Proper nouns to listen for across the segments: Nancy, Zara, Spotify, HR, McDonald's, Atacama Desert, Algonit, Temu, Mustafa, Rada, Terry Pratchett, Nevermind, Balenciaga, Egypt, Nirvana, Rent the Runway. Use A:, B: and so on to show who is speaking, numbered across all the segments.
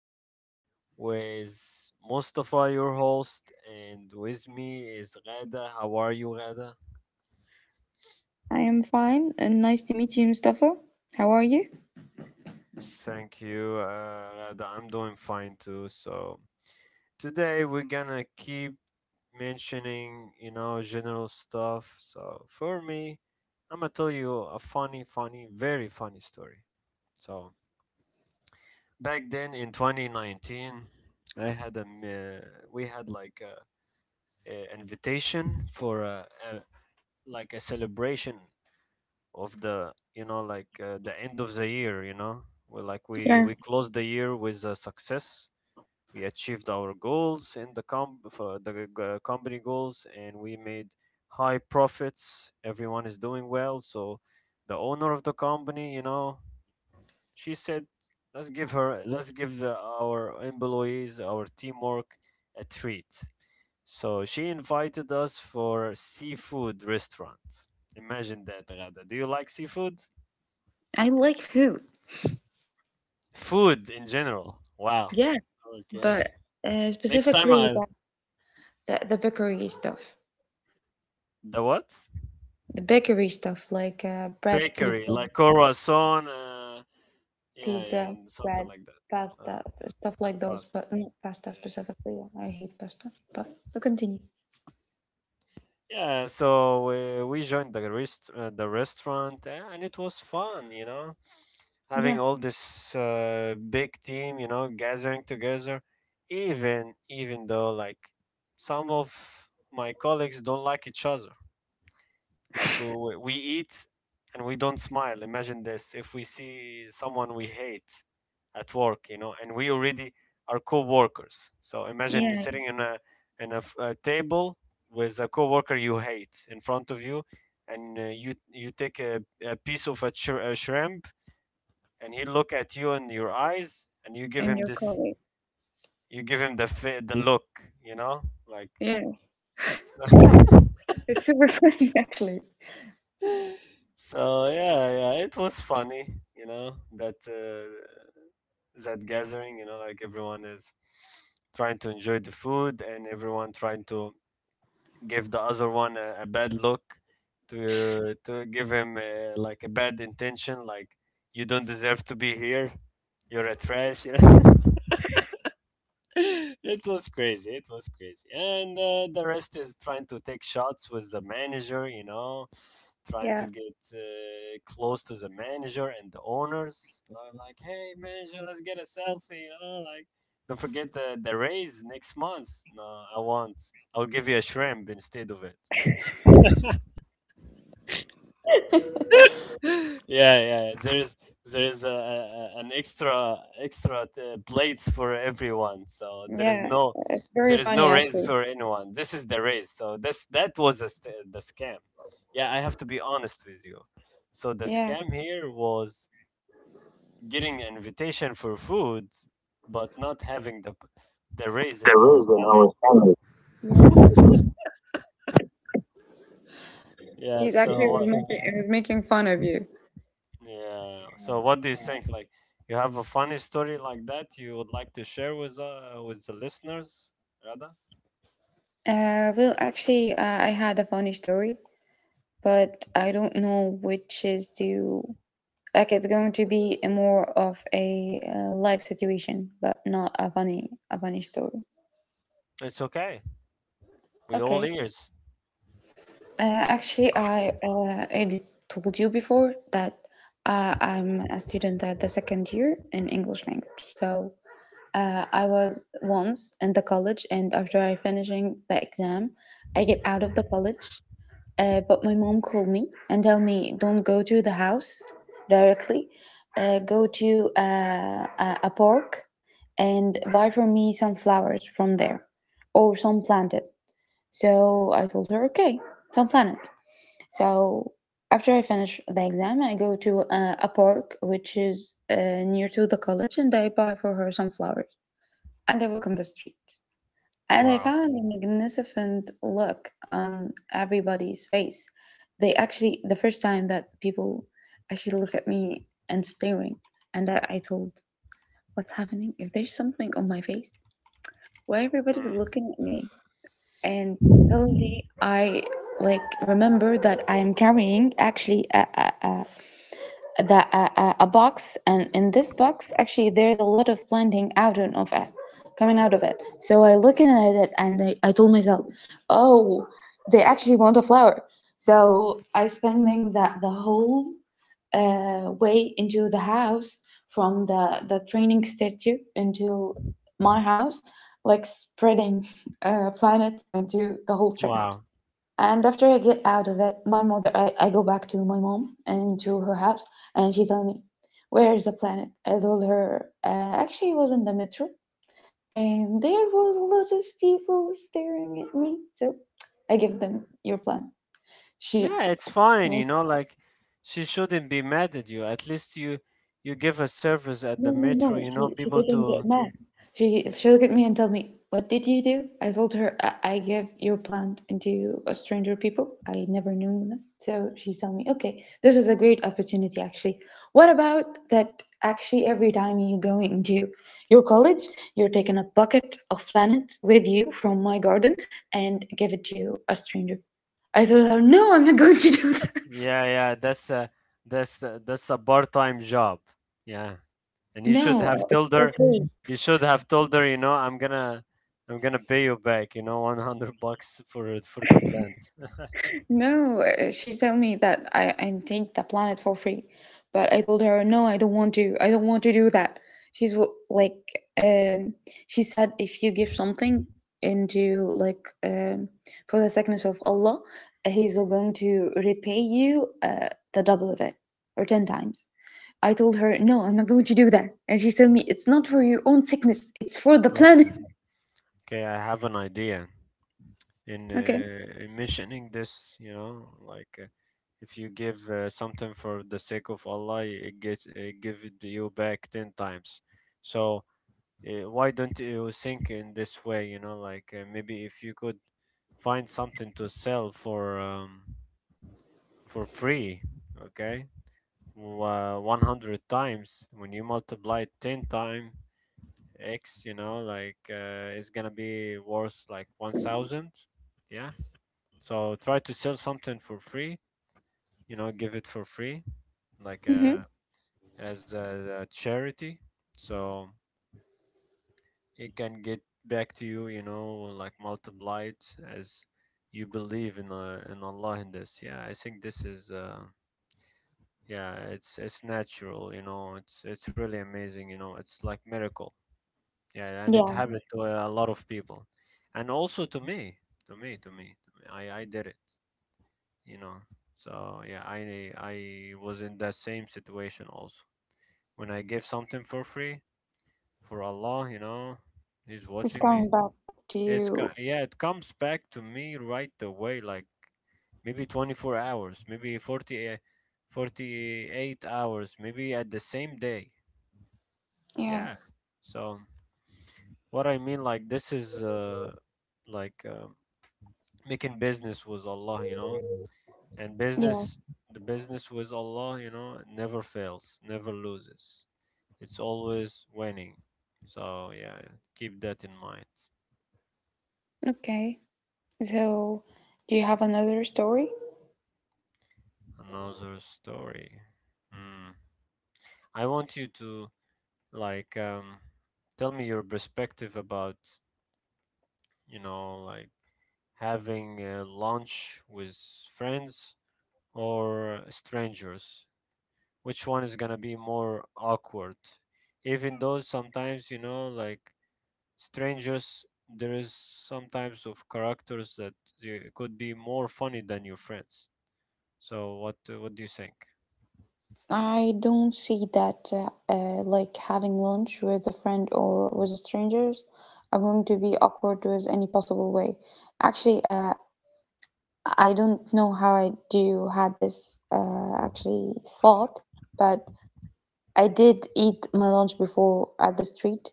A: again with Mustafa, your host, and with me is Rada. How are you, Rada?
B: I am fine and nice to meet you, Mustafa. How are you?
A: Thank you, Rada. I'm doing fine too. So, today we're gonna keep mentioning, you know, general stuff. So, for me, I'm gonna tell you a funny, funny, very funny story. So, back then in 2019, I had a, m- we had like a invitation for a, like a celebration of the, the end of the year. you know we like we
B: Yeah,
A: we closed the year with a success. We achieved our goals in the com for the company goals, and we made high profits. Everyone is doing well. So the owner of the company, you know, she said, "Let's let's give our employees, our teamwork, a treat." So she invited us for seafood restaurant. Imagine that, Rada. Do you like seafood?
B: I like food.
A: Food in general. Wow.
B: Yeah, but
A: Okay. Next time
B: specifically
A: I'll.
B: the bakery stuff.
A: The what?
B: The bakery stuff like bread,
A: Bakery,
B: pizza,
A: like croissant. Yeah,
B: pizza,
A: yeah, and something
B: bread,
A: like that. Uh,
B: pasta, stuff like those.
A: Pasta.
B: But not pasta
A: Yeah, yeah.
B: specifically. I hate pasta. But to continue.
A: Yeah, so we joined the restaurant, and it was fun, you know, having
B: Yeah,
A: all this big team, you know, gathering together. Even though like some of my colleagues don't like each other, like we eat, and we don't smile. Imagine this: if we see someone we hate at work, you know, and we already are co-workers. So imagine
B: yeah,
A: sitting in a table with a co-worker you hate in front of you, and you take a piece of a shrimp, and he look at you in your eyes, and you give
B: and
A: him
B: your
A: this,
B: colleague.
A: you give him the look, you know, like.
B: Yes, it's super funny actually.
A: So yeah, yeah, it was funny, you know, that that gathering, you know, like everyone is trying to enjoy the food, and everyone trying to give the other one a bad look to give him like a bad intention, like you don't deserve to be here, you're a trash, you know. It was crazy. It was crazy. And the rest is trying to take shots with the manager, you know, trying to
B: Yeah,
A: get close to the manager and the owners. Like, hey, manager, let's get a selfie, you know, like, don't forget the raise next month. No, I won't. I'll give you a shrimp instead of it. Yeah, yeah. There's an extra plates for everyone. So there is
B: yeah,
A: no
B: it's very
A: there is no
B: funny
A: raise
B: actually.
A: for anyone. This is the raise. So this that was the scam. Yeah, I have to be honest with you. So the
B: Yeah.
A: scam here was getting an invitation for food, but not having the raise in our
B: There is in
A: salary.
B: our family. Yeah.
A: Yeah.
B: He's
A: So
B: actually. Yeah. Was making, he was making fun of you.
A: Yeah. So what do you think? Like, you have a funny story like that you would like to share with the listeners, rather?
B: Well, actually, I had a funny story, but I don't know which is to like. It's going to be a more of a life situation, but not a funny a funny story.
A: It's okay. We all
B: Okay.
A: ears.
B: Actually, I did told you before that I'm a student at the second year in English language, so I was once in the college, and after I finishing the exam, I get out of the college. But my mom called me and tell me don't go to the house directly. Go to a park and buy for me some flowers from there, or some planted. So I told her okay, some planet. So after I finish the exam, I go to a park which is near to the college, and I buy for her some flowers and I walk on the street. And I
A: Wow.
B: found a magnificent look on everybody's face. They actually, the first time that people actually look at me and staring, and I told, what's happening? If there's something on my face, why everybody's
A: Mm.
B: looking at me? And suddenly I like remember that I'm carrying actually a a box, and in this box actually there's a lot of planting out and of it coming out of it, so I looking at it and I told myself oh they actually want a flower, so I spending that the whole way into the house from the training statue into my house, like spreading planet into the whole train.
A: Wow.
B: And after I get out of it, my mother, I go back to my mom and to her house, and she tell me, where is the planet? I told her, actually, it was in the metro, and there was a lot of people staring at me, so I give them your plan. She.
A: Yeah, it's fine, you know, like she shouldn't be mad at you. At least you give a service at the
B: No, no,
A: metro,
B: no.
A: you know,
B: She
A: people
B: didn't get
A: to
B: mad. She looked at me and tell me, "What did you do?" I told her I gave your plant into a stranger people. I never knew them. So she told me, "Okay, this is a great opportunity, actually. What about that? Actually, every time you go into your college, you're taking a bucket of plants with you from my garden and give it to a stranger." I told her, "No, I'm not going to do that."
A: Yeah, yeah, that's that's a part-time job. Yeah. And
B: No,
A: you should have told her, you know, I'm gonna pay you back, you know, $100 for the plant.
B: no, she told me that I'm take the planet for free, but I told her no, I don't want to. I don't want to do that. Like, um, she said if you give something into like for the sickness of Allah, He's going to repay you the double of it or 10 times. I told her no, I'm not going to do that, and she told me it's not for your own sickness, it's for the planet.
A: Okay, I have an idea
B: Okay.
A: in mentioning this, you know, like, if you give something for the sake of Allah, it gets it give it you back 10 times. So why don't you think in this way, you know, like, maybe if you could find something to sell for free. Okay, 100 times when you multiply it 10 times x, you know, like, it's gonna be worth like 1,000. Yeah. So try to sell something for free, you know, give it for free, like,
B: Hmm.
A: as a charity, so it can get back to you, you know, like multiplied, as you believe in Allah in this. Yeah, I think this is yeah, it's natural, you know, it's really amazing, you know, it's like miracle. Yeah, and it
B: Yeah,
A: happened to a lot of people, and also to me, to me, to me, to me. I did it, you know. So yeah, I was in that same situation also. When I gave something for free for Allah, you know, He's
B: it's
A: watching me.
B: coming back to you.
A: Yeah, it comes back to me right away, like maybe 24 hours, maybe 48 hours, maybe at the same day. Yeah.
B: Yes.
A: So what I mean, like, this is like. Uh, making business with Allah, you know, and
B: Yeah.
A: the business with Allah, you know, never fails, never loses. It's always winning. So yeah, keep that in mind.
B: Okay. So, do you have another story?
A: Another story. Hmm. I want you to, like, tell me your perspective about, you know, like, having a lunch with friends or strangers, which one is gonna be more awkward. Even though sometimes, you know, like strangers, there is some types of characters that you could be more funny than your friends. So what do you think?
B: I don't see that like having lunch with a friend or with strangers. I'm going to be awkward with any possible way. Actually, I don't know how I do had this actually thought, but I did eat my lunch before at the street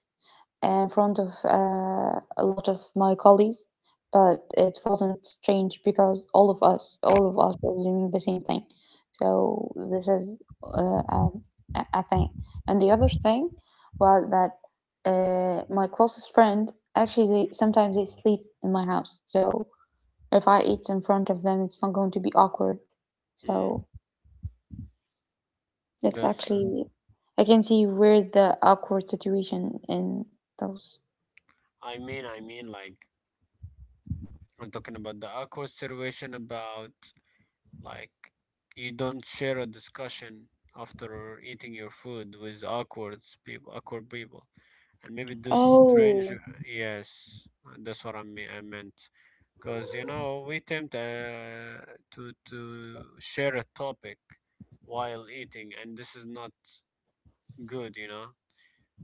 B: in front of a lot of my colleagues, but it wasn't strange because all of us were doing the same thing. So this is a thing. And the other thing was that my closest friend actually they, sometimes they sleep in my house. So if I eat in front of them, it's not going to be awkward.
A: Mm,
B: So it's
A: that's.
B: actually I can see where the awkward situation in those.
A: I mean, like, I'm talking about the awkward situation about. Like, you don't share a discussion after eating your food with awkward people, and maybe this
B: Oh.
A: stranger. Yes, that's what I mean. I meant, because, you know, we tend to share a topic while eating, and this is not good. You know.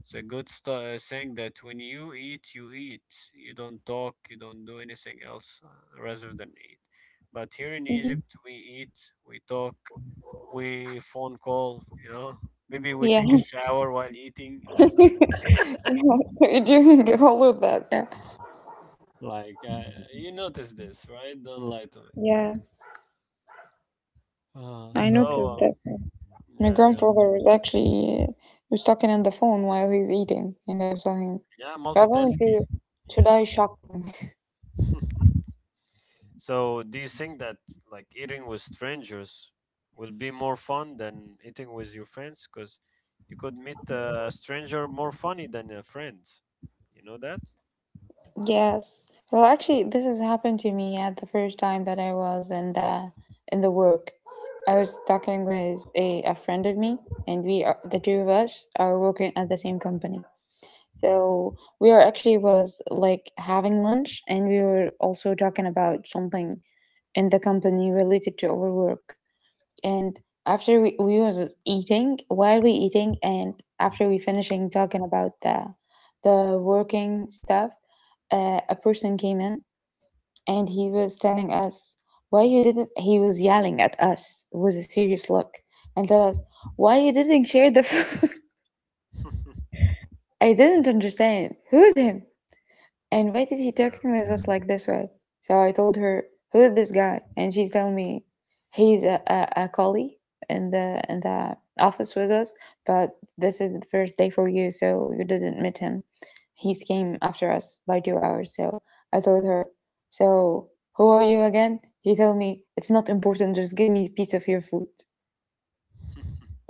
A: It's a good thing that when you eat, you eat. You don't talk, you don't do anything else rather than eat. But here in
B: Mhm.
A: Egypt, we eat, we talk, we phone call, you know. Maybe we
B: Yeah.
A: take a shower while eating.
B: Yeah, so you drink all of that, yeah.
A: Like, you notice this, right? Don't lie to me.
B: Yeah, I noticed
A: So,
B: that, yeah. My
A: yeah, yeah.
B: grandfather was actually was talking on the phone while he's eating, and I saw him.
A: Yeah,
B: I going
A: multitasking.
B: to
A: Yeah.
B: die shocking.
A: So, do you think that like eating with strangers will be more fun than eating with your friends? Because you could meet a stranger more funny than a friend. You know that?
B: Yes. Well, actually, this has happened to me at the first time that I was in the work. I was talking with a friend of me, and we are, the two of us are working at the same company. So we are actually was like having lunch, and we were also talking about something in the company related to our work. And we was eating, while we eating and after we finishing talking about the working stuff, a person came in and he was telling us why you didn't, he was yelling at us with a serious look and tell us, why you didn't share the food? I didn't understand. Who's him? And why did he
A: Yeah.
B: talking with us like this, right? So I told her, who is this guy? And she told me, he's a colleague in the office with us, but this is the first day for you, so you didn't meet him. He came after us by 2 hours. So I told her, so who are you again? He told me, it's not important, just give me a piece of your food.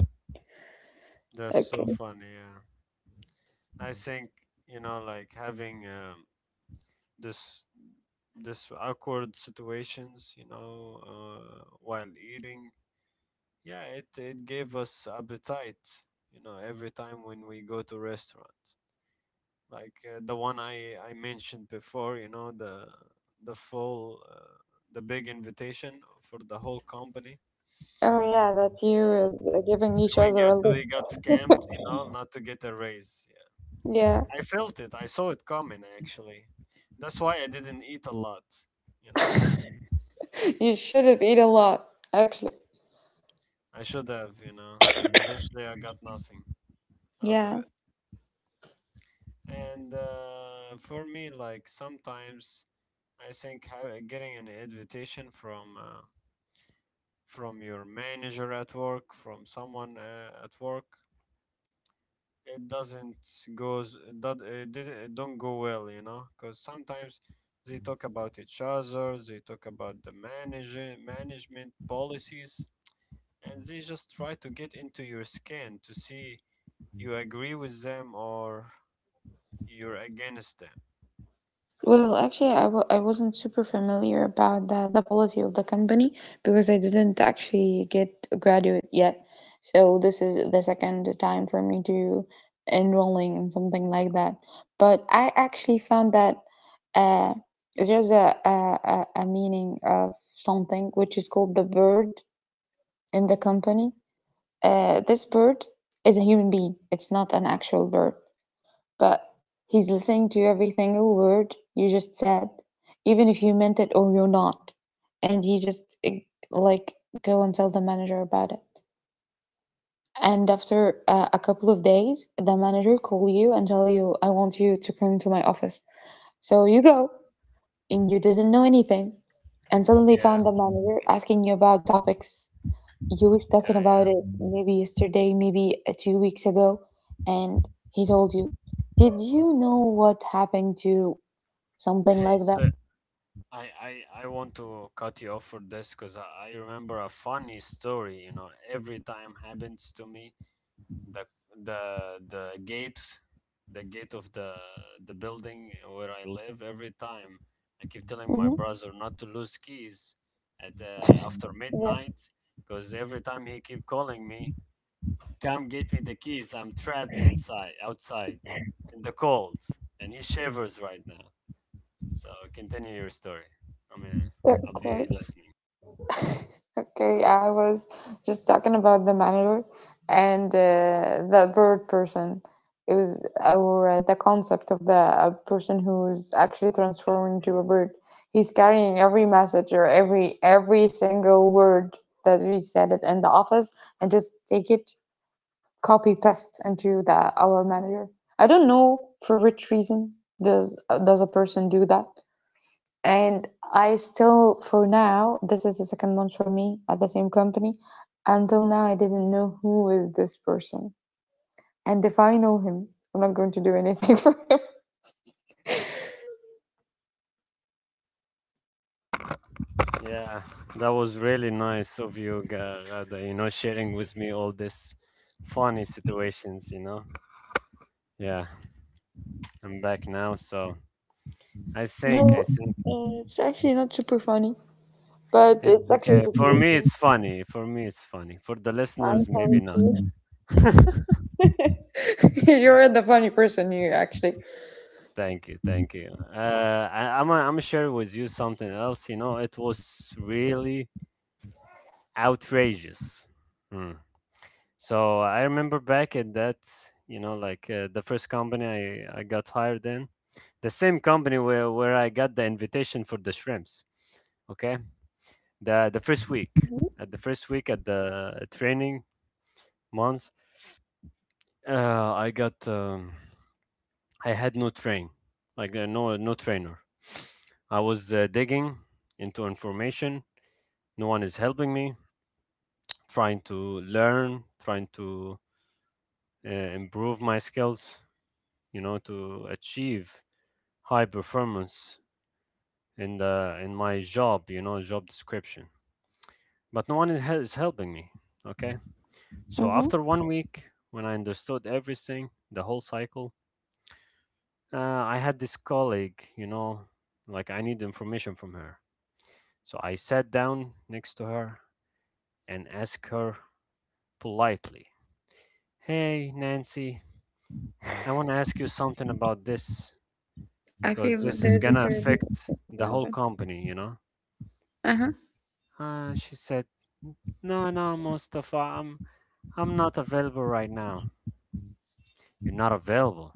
A: That's so
B: Okay.
A: funny. Yeah. I think, you know, like having, this this awkward situations, you know, while eating. Yeah, it gave us appetite, you know, every time when we go to restaurants. Like, the one I mentioned before, you know, the full the big invitation for the whole company.
B: Oh yeah, that
A: Yeah,
B: you is
A: and
B: giving each other a look.
A: we got scammed, you know, not to get a raise. Yeah.
B: Yeah,
A: I felt it. I saw it coming actually. That's why I didn't eat a lot, you know.
B: you should have eaten a lot, actually.
A: I should have, you know, because eventually I got nothing out of
B: Yeah.
A: it. And for me, like, sometimes I think getting an invitation from your manager at work, from someone at work, it doesn't goes that it, did, it don't go well, you know, because sometimes they talk about each other, they talk about the manager management policies, and they just try to get into your skin to see you agree with them, or you're against them.
B: Well, actually, I wasn't super familiar about the policy of the company because I didn't actually get a graduate yet. So this is the second time for me to enrolling in something like that. But I actually found that uh, there's a meaning of something which is called the bird in the company. This bird is a human being. It's not an actual bird, but he's listening to every single word you just said, even if you meant it or you're not. And he just like go and tell the manager about it. And after a couple of days, the manager call you and tell you, "I want you to come to my office." So you go, and you didn't know anything, and suddenly
A: Yeah,
B: found the manager asking you about topics you was talking
A: yeah, yeah.
B: about it maybe yesterday, maybe 2 weeks ago, and he told you, "Did you know what happened to something
A: Hey,
B: like that.
A: so I, I, I want to cut you off for this because I remember a funny story, you know, every time happens to me. The the the gate the gate of the building where I live. Every time I keep telling my
B: Hmm.
A: brother not to lose keys at after
B: Yeah.
A: midnight, because every time he keep calling me, come get me the keys. I'm trapped inside outside in the cold, and he shivers right now. So continue your story. I mean, I'll be
B: Okay.
A: listening.
B: Okay. I was just talking about the manager and the bird person. It was our the concept of the person who's actually transforming into a bird. He's carrying every message or every single word that we said it in the office and just take it, copy paste into the our manager. I don't know for which reason does does a person do that. And I still, for now, this is the second month for me at the same company. Until now, I didn't know who is this person. And if I know him, I'm not going to do anything for him.
A: Yeah, that was really nice of you, Rada, you know, sharing with me all this funny situations, you know. Yeah, I'm back now, so
B: No,
A: I think
B: it's actually not super funny, but
A: it's
B: it's actually a
A: okay. For me,
B: situation.
A: it's funny. For me, it's funny. For the
B: I'm
A: listeners, maybe
B: sorry
A: not.
B: to you. You're the funny person here, actually.
A: Thank you, thank you. I'm gonna share with you something else. You know, it was really outrageous. Hmm. So I remember back at that, you know, like, the first company I got hired in, the same company where, I got the invitation for the shrimps. Okay. The first week, at the first week at the training month, uh, I got um, I had no train, like, no trainer. I was digging into information. No one is helping me. Trying to learn, trying to improve my skills, you know, to achieve high performance in the in my job, you know, job description. But no one is helping me. Okay, so
B: Hmm.
A: after 1 week, when I understood everything, the whole cycle, uh, I had this colleague, you know, like I need information from her. So I sat down next to her and asked her politely, "Hey, Nancy, I want to ask you something about this
B: I
A: because
B: feel that
A: this is
B: there's a
A: gonna
B: terrible.
A: affect the
B: Yeah,
A: whole
B: but
A: company, you know."
B: uh-huh.
A: She said, "No, no, Mustafa, I'm not available right now." "You're not available.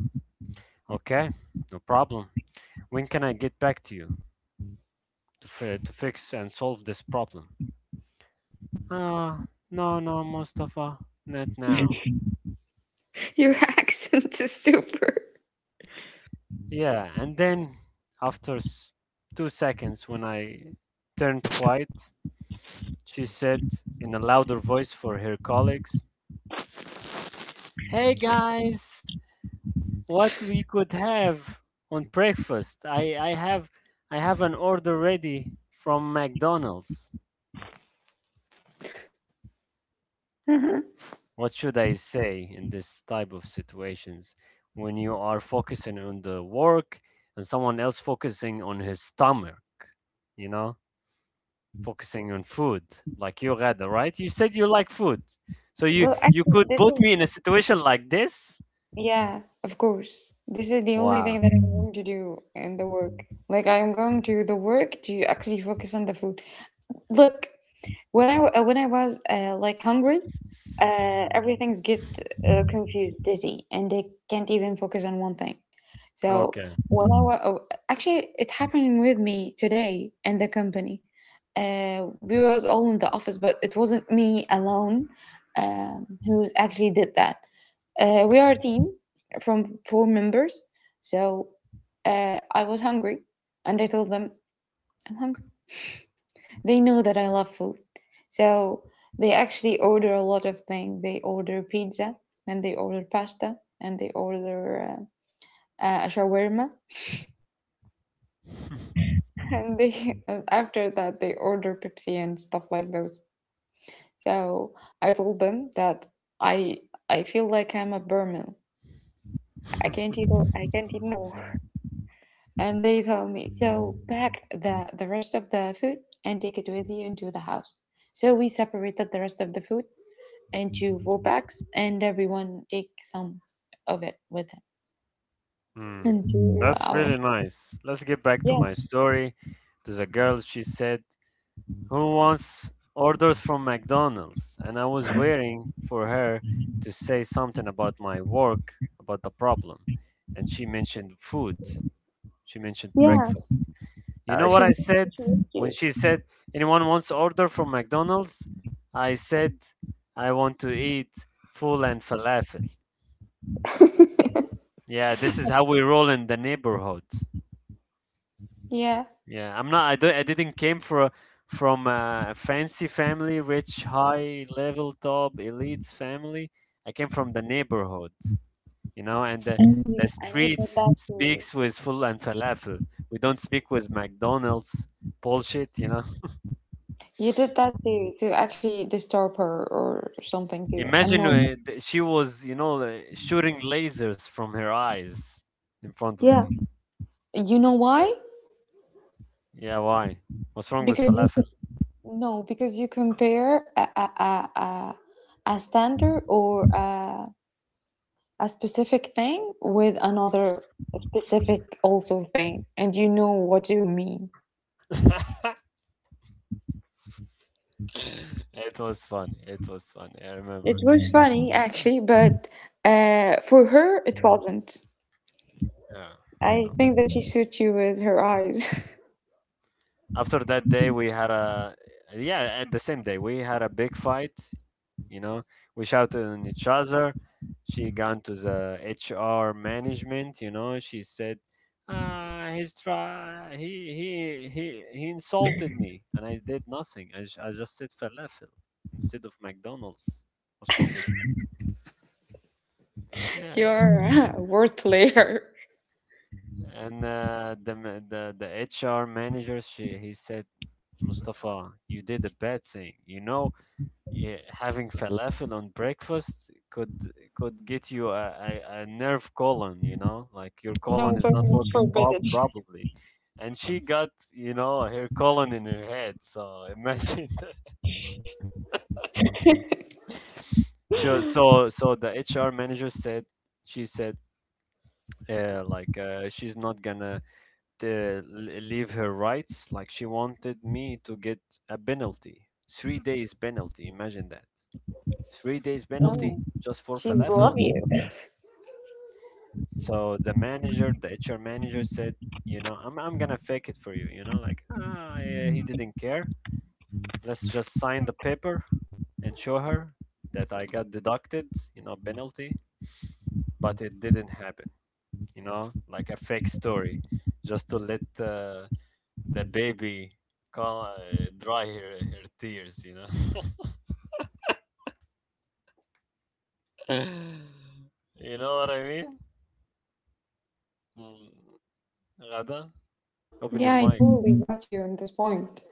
A: Okay, no problem. When can I get back to you to, to fix and solve this problem?" Uh, no, no, Mustafa, not now."
B: Your accent is super.
A: Yeah, and then after 2 seconds, when I turned quiet, she said in a louder voice for her colleagues, "Hey guys! What we could have on breakfast. I have an order ready from McDonald's." What should I say in this type of situations when you are focusing on the work and someone else focusing on his stomach, you know, focusing on food like you rather, right? You said you like food. So you
B: Well,
A: you
B: actually,
A: could
B: this
A: put
B: is,
A: me in a situation like this?
B: yeah, of course. This is the only
A: Wow.
B: thing that I'm going to do in the work. Like I'm going to the work to actually focus on the food. Look, when I was like hungry, everything's get confused, dizzy, and they can't even focus on one thing. So
A: Okay.
B: when I was oh, actually, it happened with me today in the company. We was all in the office, but it wasn't me alone who actually did that. We are a team from four members, so I was hungry and I told them I'm hungry. They know that I love food, so they actually order a lot of things. They order pizza and they order pasta and they order a shawarma and they, and after that they order Pepsi and stuff like those. So I told them that I I feel like I'm a Burman. I can't eat more. And they told me, so pack the rest of the food and take it with you into the house. So we separated the rest of the food into four bags and everyone take some of it with him
A: Hmm.
B: into
A: That's
B: our.
A: really nice. Let's get back to
B: Yeah,
A: my story. To the girl, she said, "Who wants orders from McDonald's?" And I was waiting for her to say something about my work, about the problem. And she mentioned food. She mentioned
B: yeah.
A: breakfast. You
B: uh,
A: know
B: she
A: what I said?
B: she used to.
A: When she said, "Anyone wants order from McDonald's?" I said, "I want to eat full and falafel." Yeah, this is how we roll in the neighborhood.
B: Yeah.
A: Yeah, I'm not. I don't. I didn't came for from a fancy family, rich, high level top elites family. I came from the neighborhood, you know, and the
B: And you,
A: the
B: and you did
A: streets
B: that to.
A: speaks with full and falafel. We don't speak with McDonald's bullshit, you know.
B: You did that to actually disturb her or something to
A: Imagine
B: annoy her?
A: she was, you know, shooting lasers from her eyes in front of
B: Yeah.
A: me.
B: You know why?
A: Yeah, why? What's wrong with
B: Because you.
A: falafel?
B: No, because you compare a, a, a standard, or a specific thing with another specific also thing, and you know what you mean.
A: It was fun. It was fun. I
B: It
A: remember.
B: was funny actually, but for her it wasn't.
A: Yeah, I
B: I
A: know.
B: think that she suit you with her eyes.
A: After that day, we had a yeah. At the same day, we had a big fight. You know, we shouted on each other. She gone to the HR management. You know, she said, "Ah, he's try he he insulted me, and I did nothing. I just said falafel instead of McDonald's. What's wrong with that? Yeah."
B: You're a word player.
A: And the ma- the HR manager, she he said, "Mustafa, you did a bad thing. You know yeah, having falafel on breakfast could get you a nerve colon, you know, like your
B: No,
A: colon is
B: so
A: not
B: it's
A: working pop
B: forbidden.
A: probably." And she got, you know, her colon in her head. So imagine. So the HR manager said, she said, she's not gonna leave her rights. Like she wanted me to get a penalty, 3 days penalty. Imagine that, 3 days
B: No,
A: penalty just for
B: she love
A: falafel.
B: you.
A: So the manager, the HR manager said, "You know, I'm gonna fake it for you. You know, like ah, yeah, he didn't care. Let's just sign the paper and show her that I got deducted. You know, penalty." But it didn't happen. You know, like a fake story, just to let the baby call, dry her tears. You know, you know what I mean? Mm, Ghada, open your
B: Yeah, I
A: mic.
B: totally got you on this point.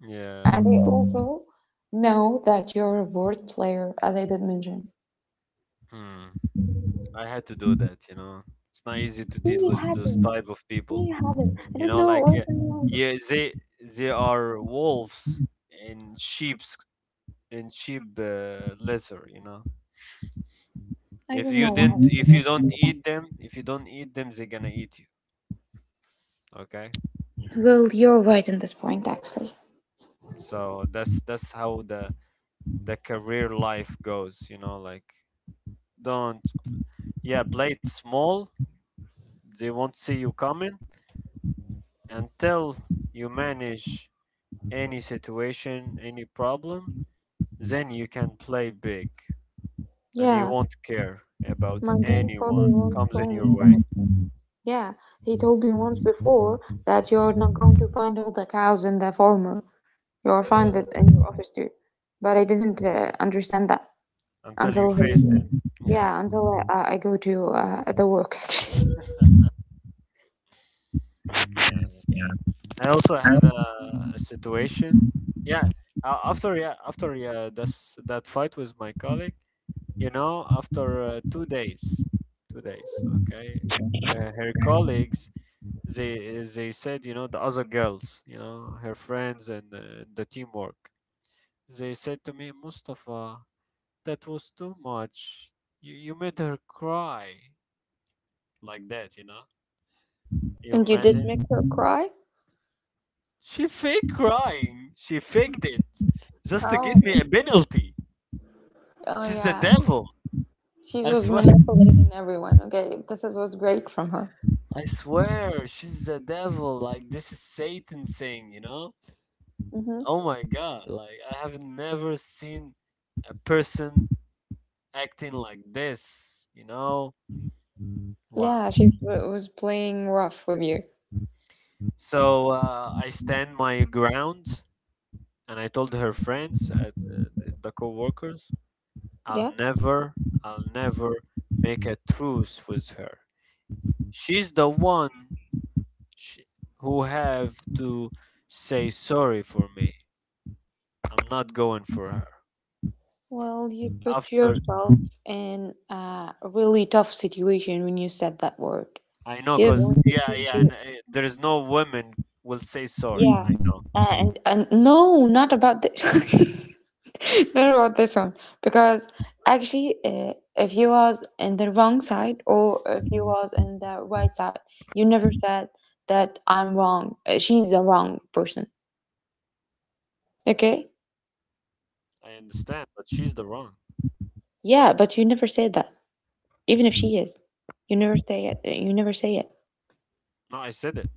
A: Yeah.
B: And I also know that you're a word player, as I did mention.
A: Hmm. I had to do that, you know. It's not easy to deal
B: We
A: with
B: have
A: those
B: not
A: type of people.
B: We have not, I
A: You
B: don't
A: know,
B: know
A: like
B: why. Someone—
A: yeah, they are wolves in sheep's in sheep leather, you know.
B: I don't know why, I
A: If you
B: forgot to
A: don't
B: do that.
A: eat them, they're gonna eat you. Okay?
B: Well, you're right in this point, actually.
A: So that's how the career life goes, you know, like don't yeah, play it small. They won't see you coming until you manage any situation, any problem, then you can play big and you
B: Yeah,
A: won't care about
B: my grandfather
A: anyone
B: once
A: comes in
B: told
A: your
B: me
A: way
B: that. Yeah, he told me once before that you're not going to find all the cows in the farmer. You'll find it in your office too. But I didn't understand that
A: until you
B: until he,
A: face them. Yeah.
B: yeah, until I go to the work.
A: Yeah. I also had a situation. Yeah. After yeah, that's that fight with my colleague. You know, after 2 days, 2 days. Okay, her colleagues they they said, you know, the other girls, you know, her friends and the teamwork. They said to me, "Mustafa, that was too much. You made her cry like that, you know? You
B: And you did
A: imagine?"
B: make her cry?
A: She fake crying. She faked it just to
B: Oh,
A: get me a penalty.
B: oh
A: She's the
B: yeah.
A: devil.
B: She
A: I
B: was
A: swear.
B: manipulating everyone. Okay, this is, what's great from her.
A: I swear, she's the devil. Like this is Satan saying, you know?
B: Hmm.
A: Oh my God! Like I have never seen a person acting like this. You know? Wow.
B: Yeah, she w- was playing rough with you.
A: So I stand my ground and I told her friends at the co-workers, I'll
B: Yeah.
A: never, I'll never make a truce with her. She's the one sh who have to say sorry for me. I'm not going for her."
B: Well, you put
A: After
B: yourself in a really tough situation when you said that word.
A: I know,
B: She's going to put
A: yeah,
B: you.
A: and there is no woman will say sorry.
B: Yeah,
A: I know,
B: and no, not about this. Not about this one, because actually, if you was in the wrong side or if you was in the right side, you never said that I'm wrong. She's the wrong person. Okay.
A: I understand, but she's the wrong.
B: Yeah, but you never said that. Even if she is, you never say it. You never say it.
A: No, I said it.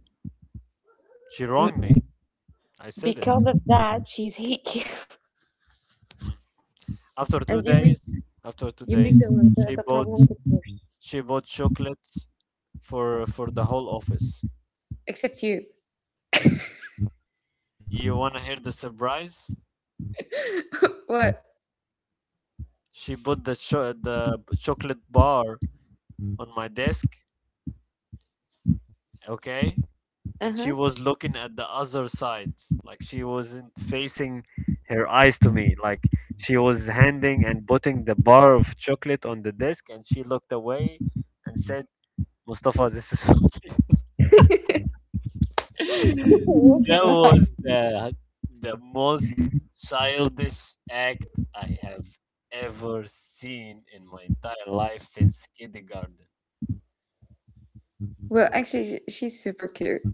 A: She wronged me.
B: M-
A: I said it.
B: Because of that, she's hate you.
A: Mm. After two
B: And you make.
A: days, after two
B: You make
A: days,
B: the
A: she
B: the problem
A: bought
B: get worse.
A: she bought chocolates for the whole office.
B: Except you.
A: You wanna hear the surprise?
B: What?
A: She put the chocolate bar on my desk, okay?
B: Uh
A: And she
B: huh.
A: was looking at the other side, like she wasn't facing her eyes to me, like she was handing and putting the bar of chocolate on the desk, and she looked away and said, "Mustafa, this is
B: Looking
A: That
B: like.
A: was the most childish act I have ever seen in my entire life since kindergarten.
B: Well, actually, she- she's super cute.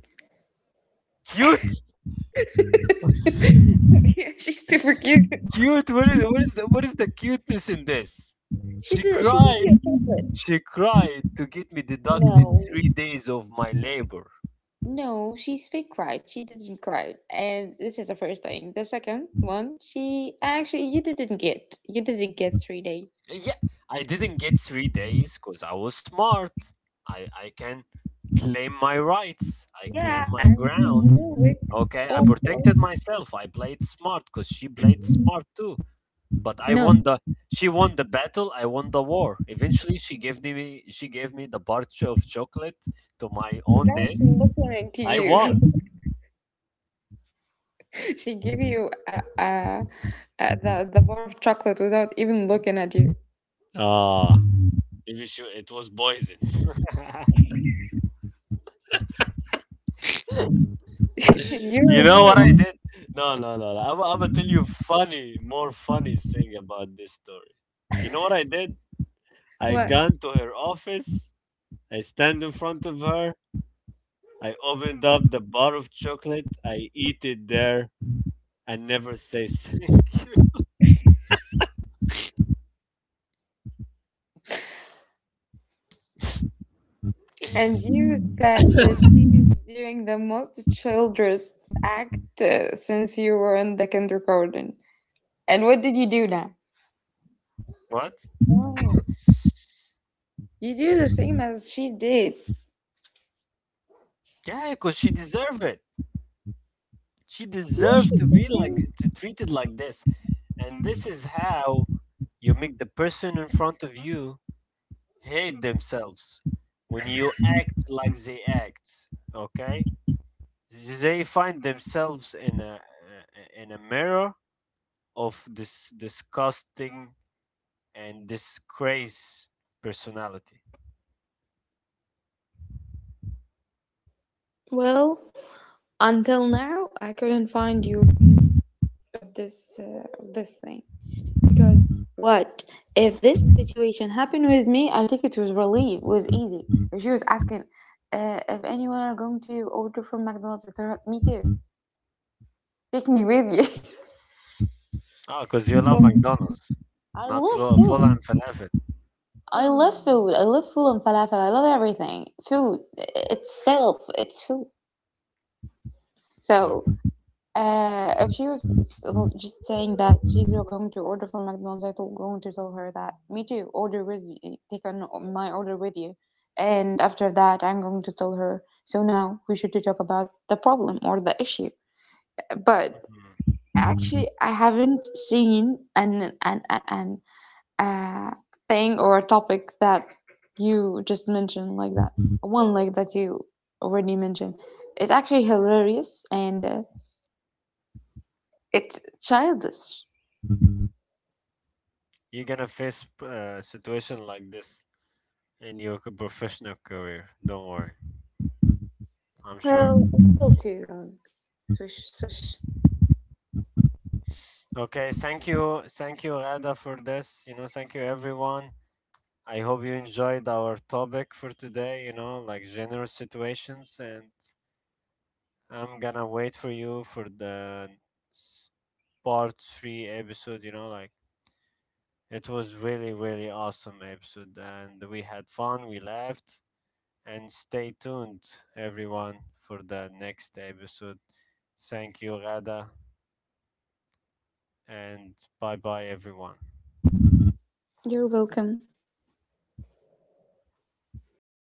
A: Cute,
B: Yeah, she's super cute.
A: cute. What is the cuteness in this?
B: She
A: She
B: did. She gave you
A: cried.
B: a chocolate.
A: She cried to get me deducted
B: No,
A: 3 days of my labor.
B: no, she's fake cried. She didn't cry, and this is the first thing. The second one, she actually you didn't get. You didn't get 3 days.
A: Yeah, I didn't get 3 days because I was smart. I can claim my rights. I claim
B: Yeah,
A: my
B: and she
A: ground.
B: knew it
A: Okay, I
B: also.
A: protected myself. I played smart because she played smart too. But I
B: No,
A: won the she won the battle. I won the war. Eventually, she gave me the bar of chocolate to my own
B: without
A: desk.
B: listening to
A: I
B: you.
A: won.
B: She gave you the bar of chocolate without even looking at you.
A: Ah, maybe she, it was poison. You
B: You're
A: know
B: really
A: what I
B: old.
A: did? No, no, no. no. I'm gonna tell you funny, more funny thing about this story. You know what I did? I
B: What?
A: gone to her office. I stand in front of her. I opened up the bar of chocolate. I eat it there. I never say thank.
B: And you said that she is doing the most childrous act since you were in the kindergarten. And what did you do now?
A: What?
B: Well, you do the same as she did.
A: Yeah, because she deserved it. She
B: No, she
A: deserved to be like
B: didn't.
A: to treated like this. And this is how you make the person in front of you hate themselves when you act like they act. Okay, they find themselves in a mirror of this disgusting and disgrace personality.
B: Well, until now, I couldn't find your view of this thing, because what if this situation happened with me? I think it was relief, it was easy. If she was asking, if anyone are going to order from McDonald's, I told her, me too. Take me with you.
A: Oh, because you love
B: And
A: McDonald's,
B: I
A: not
B: love
A: full and
B: food.
A: falafel
B: I love food. I love food and falafel. I love everything. Food itself, it's food.
A: or
B: So, if she was just saying that she's going to order from McDonald's, I'm going to tell her that me too. Order with you. Take on my order with you. And after that, I'm going to tell her, so now we should to talk about the problem or the issue. But
A: Mhm.
B: actually, I haven't seen an uh, thing or a topic that you just mentioned, like that one, like that you already mentioned. It's actually hilarious and it's childish.
A: You're gonna face a situation like this in your professional career, don't worry, I'm sure.
B: Well, it's still too young. Swish, swish.
A: Okay, thank you, thank you, Ada, for this, you know, thank you everyone. I hope you enjoyed our topic for today, you know, like general situations, and I'm gonna wait for you for the s- part three episode, you know, like it was really, really awesome episode, and we had fun, we laughed, and stay tuned, everyone, for the next episode. Thank you, Rada, and bye bye, everyone.
B: You're welcome.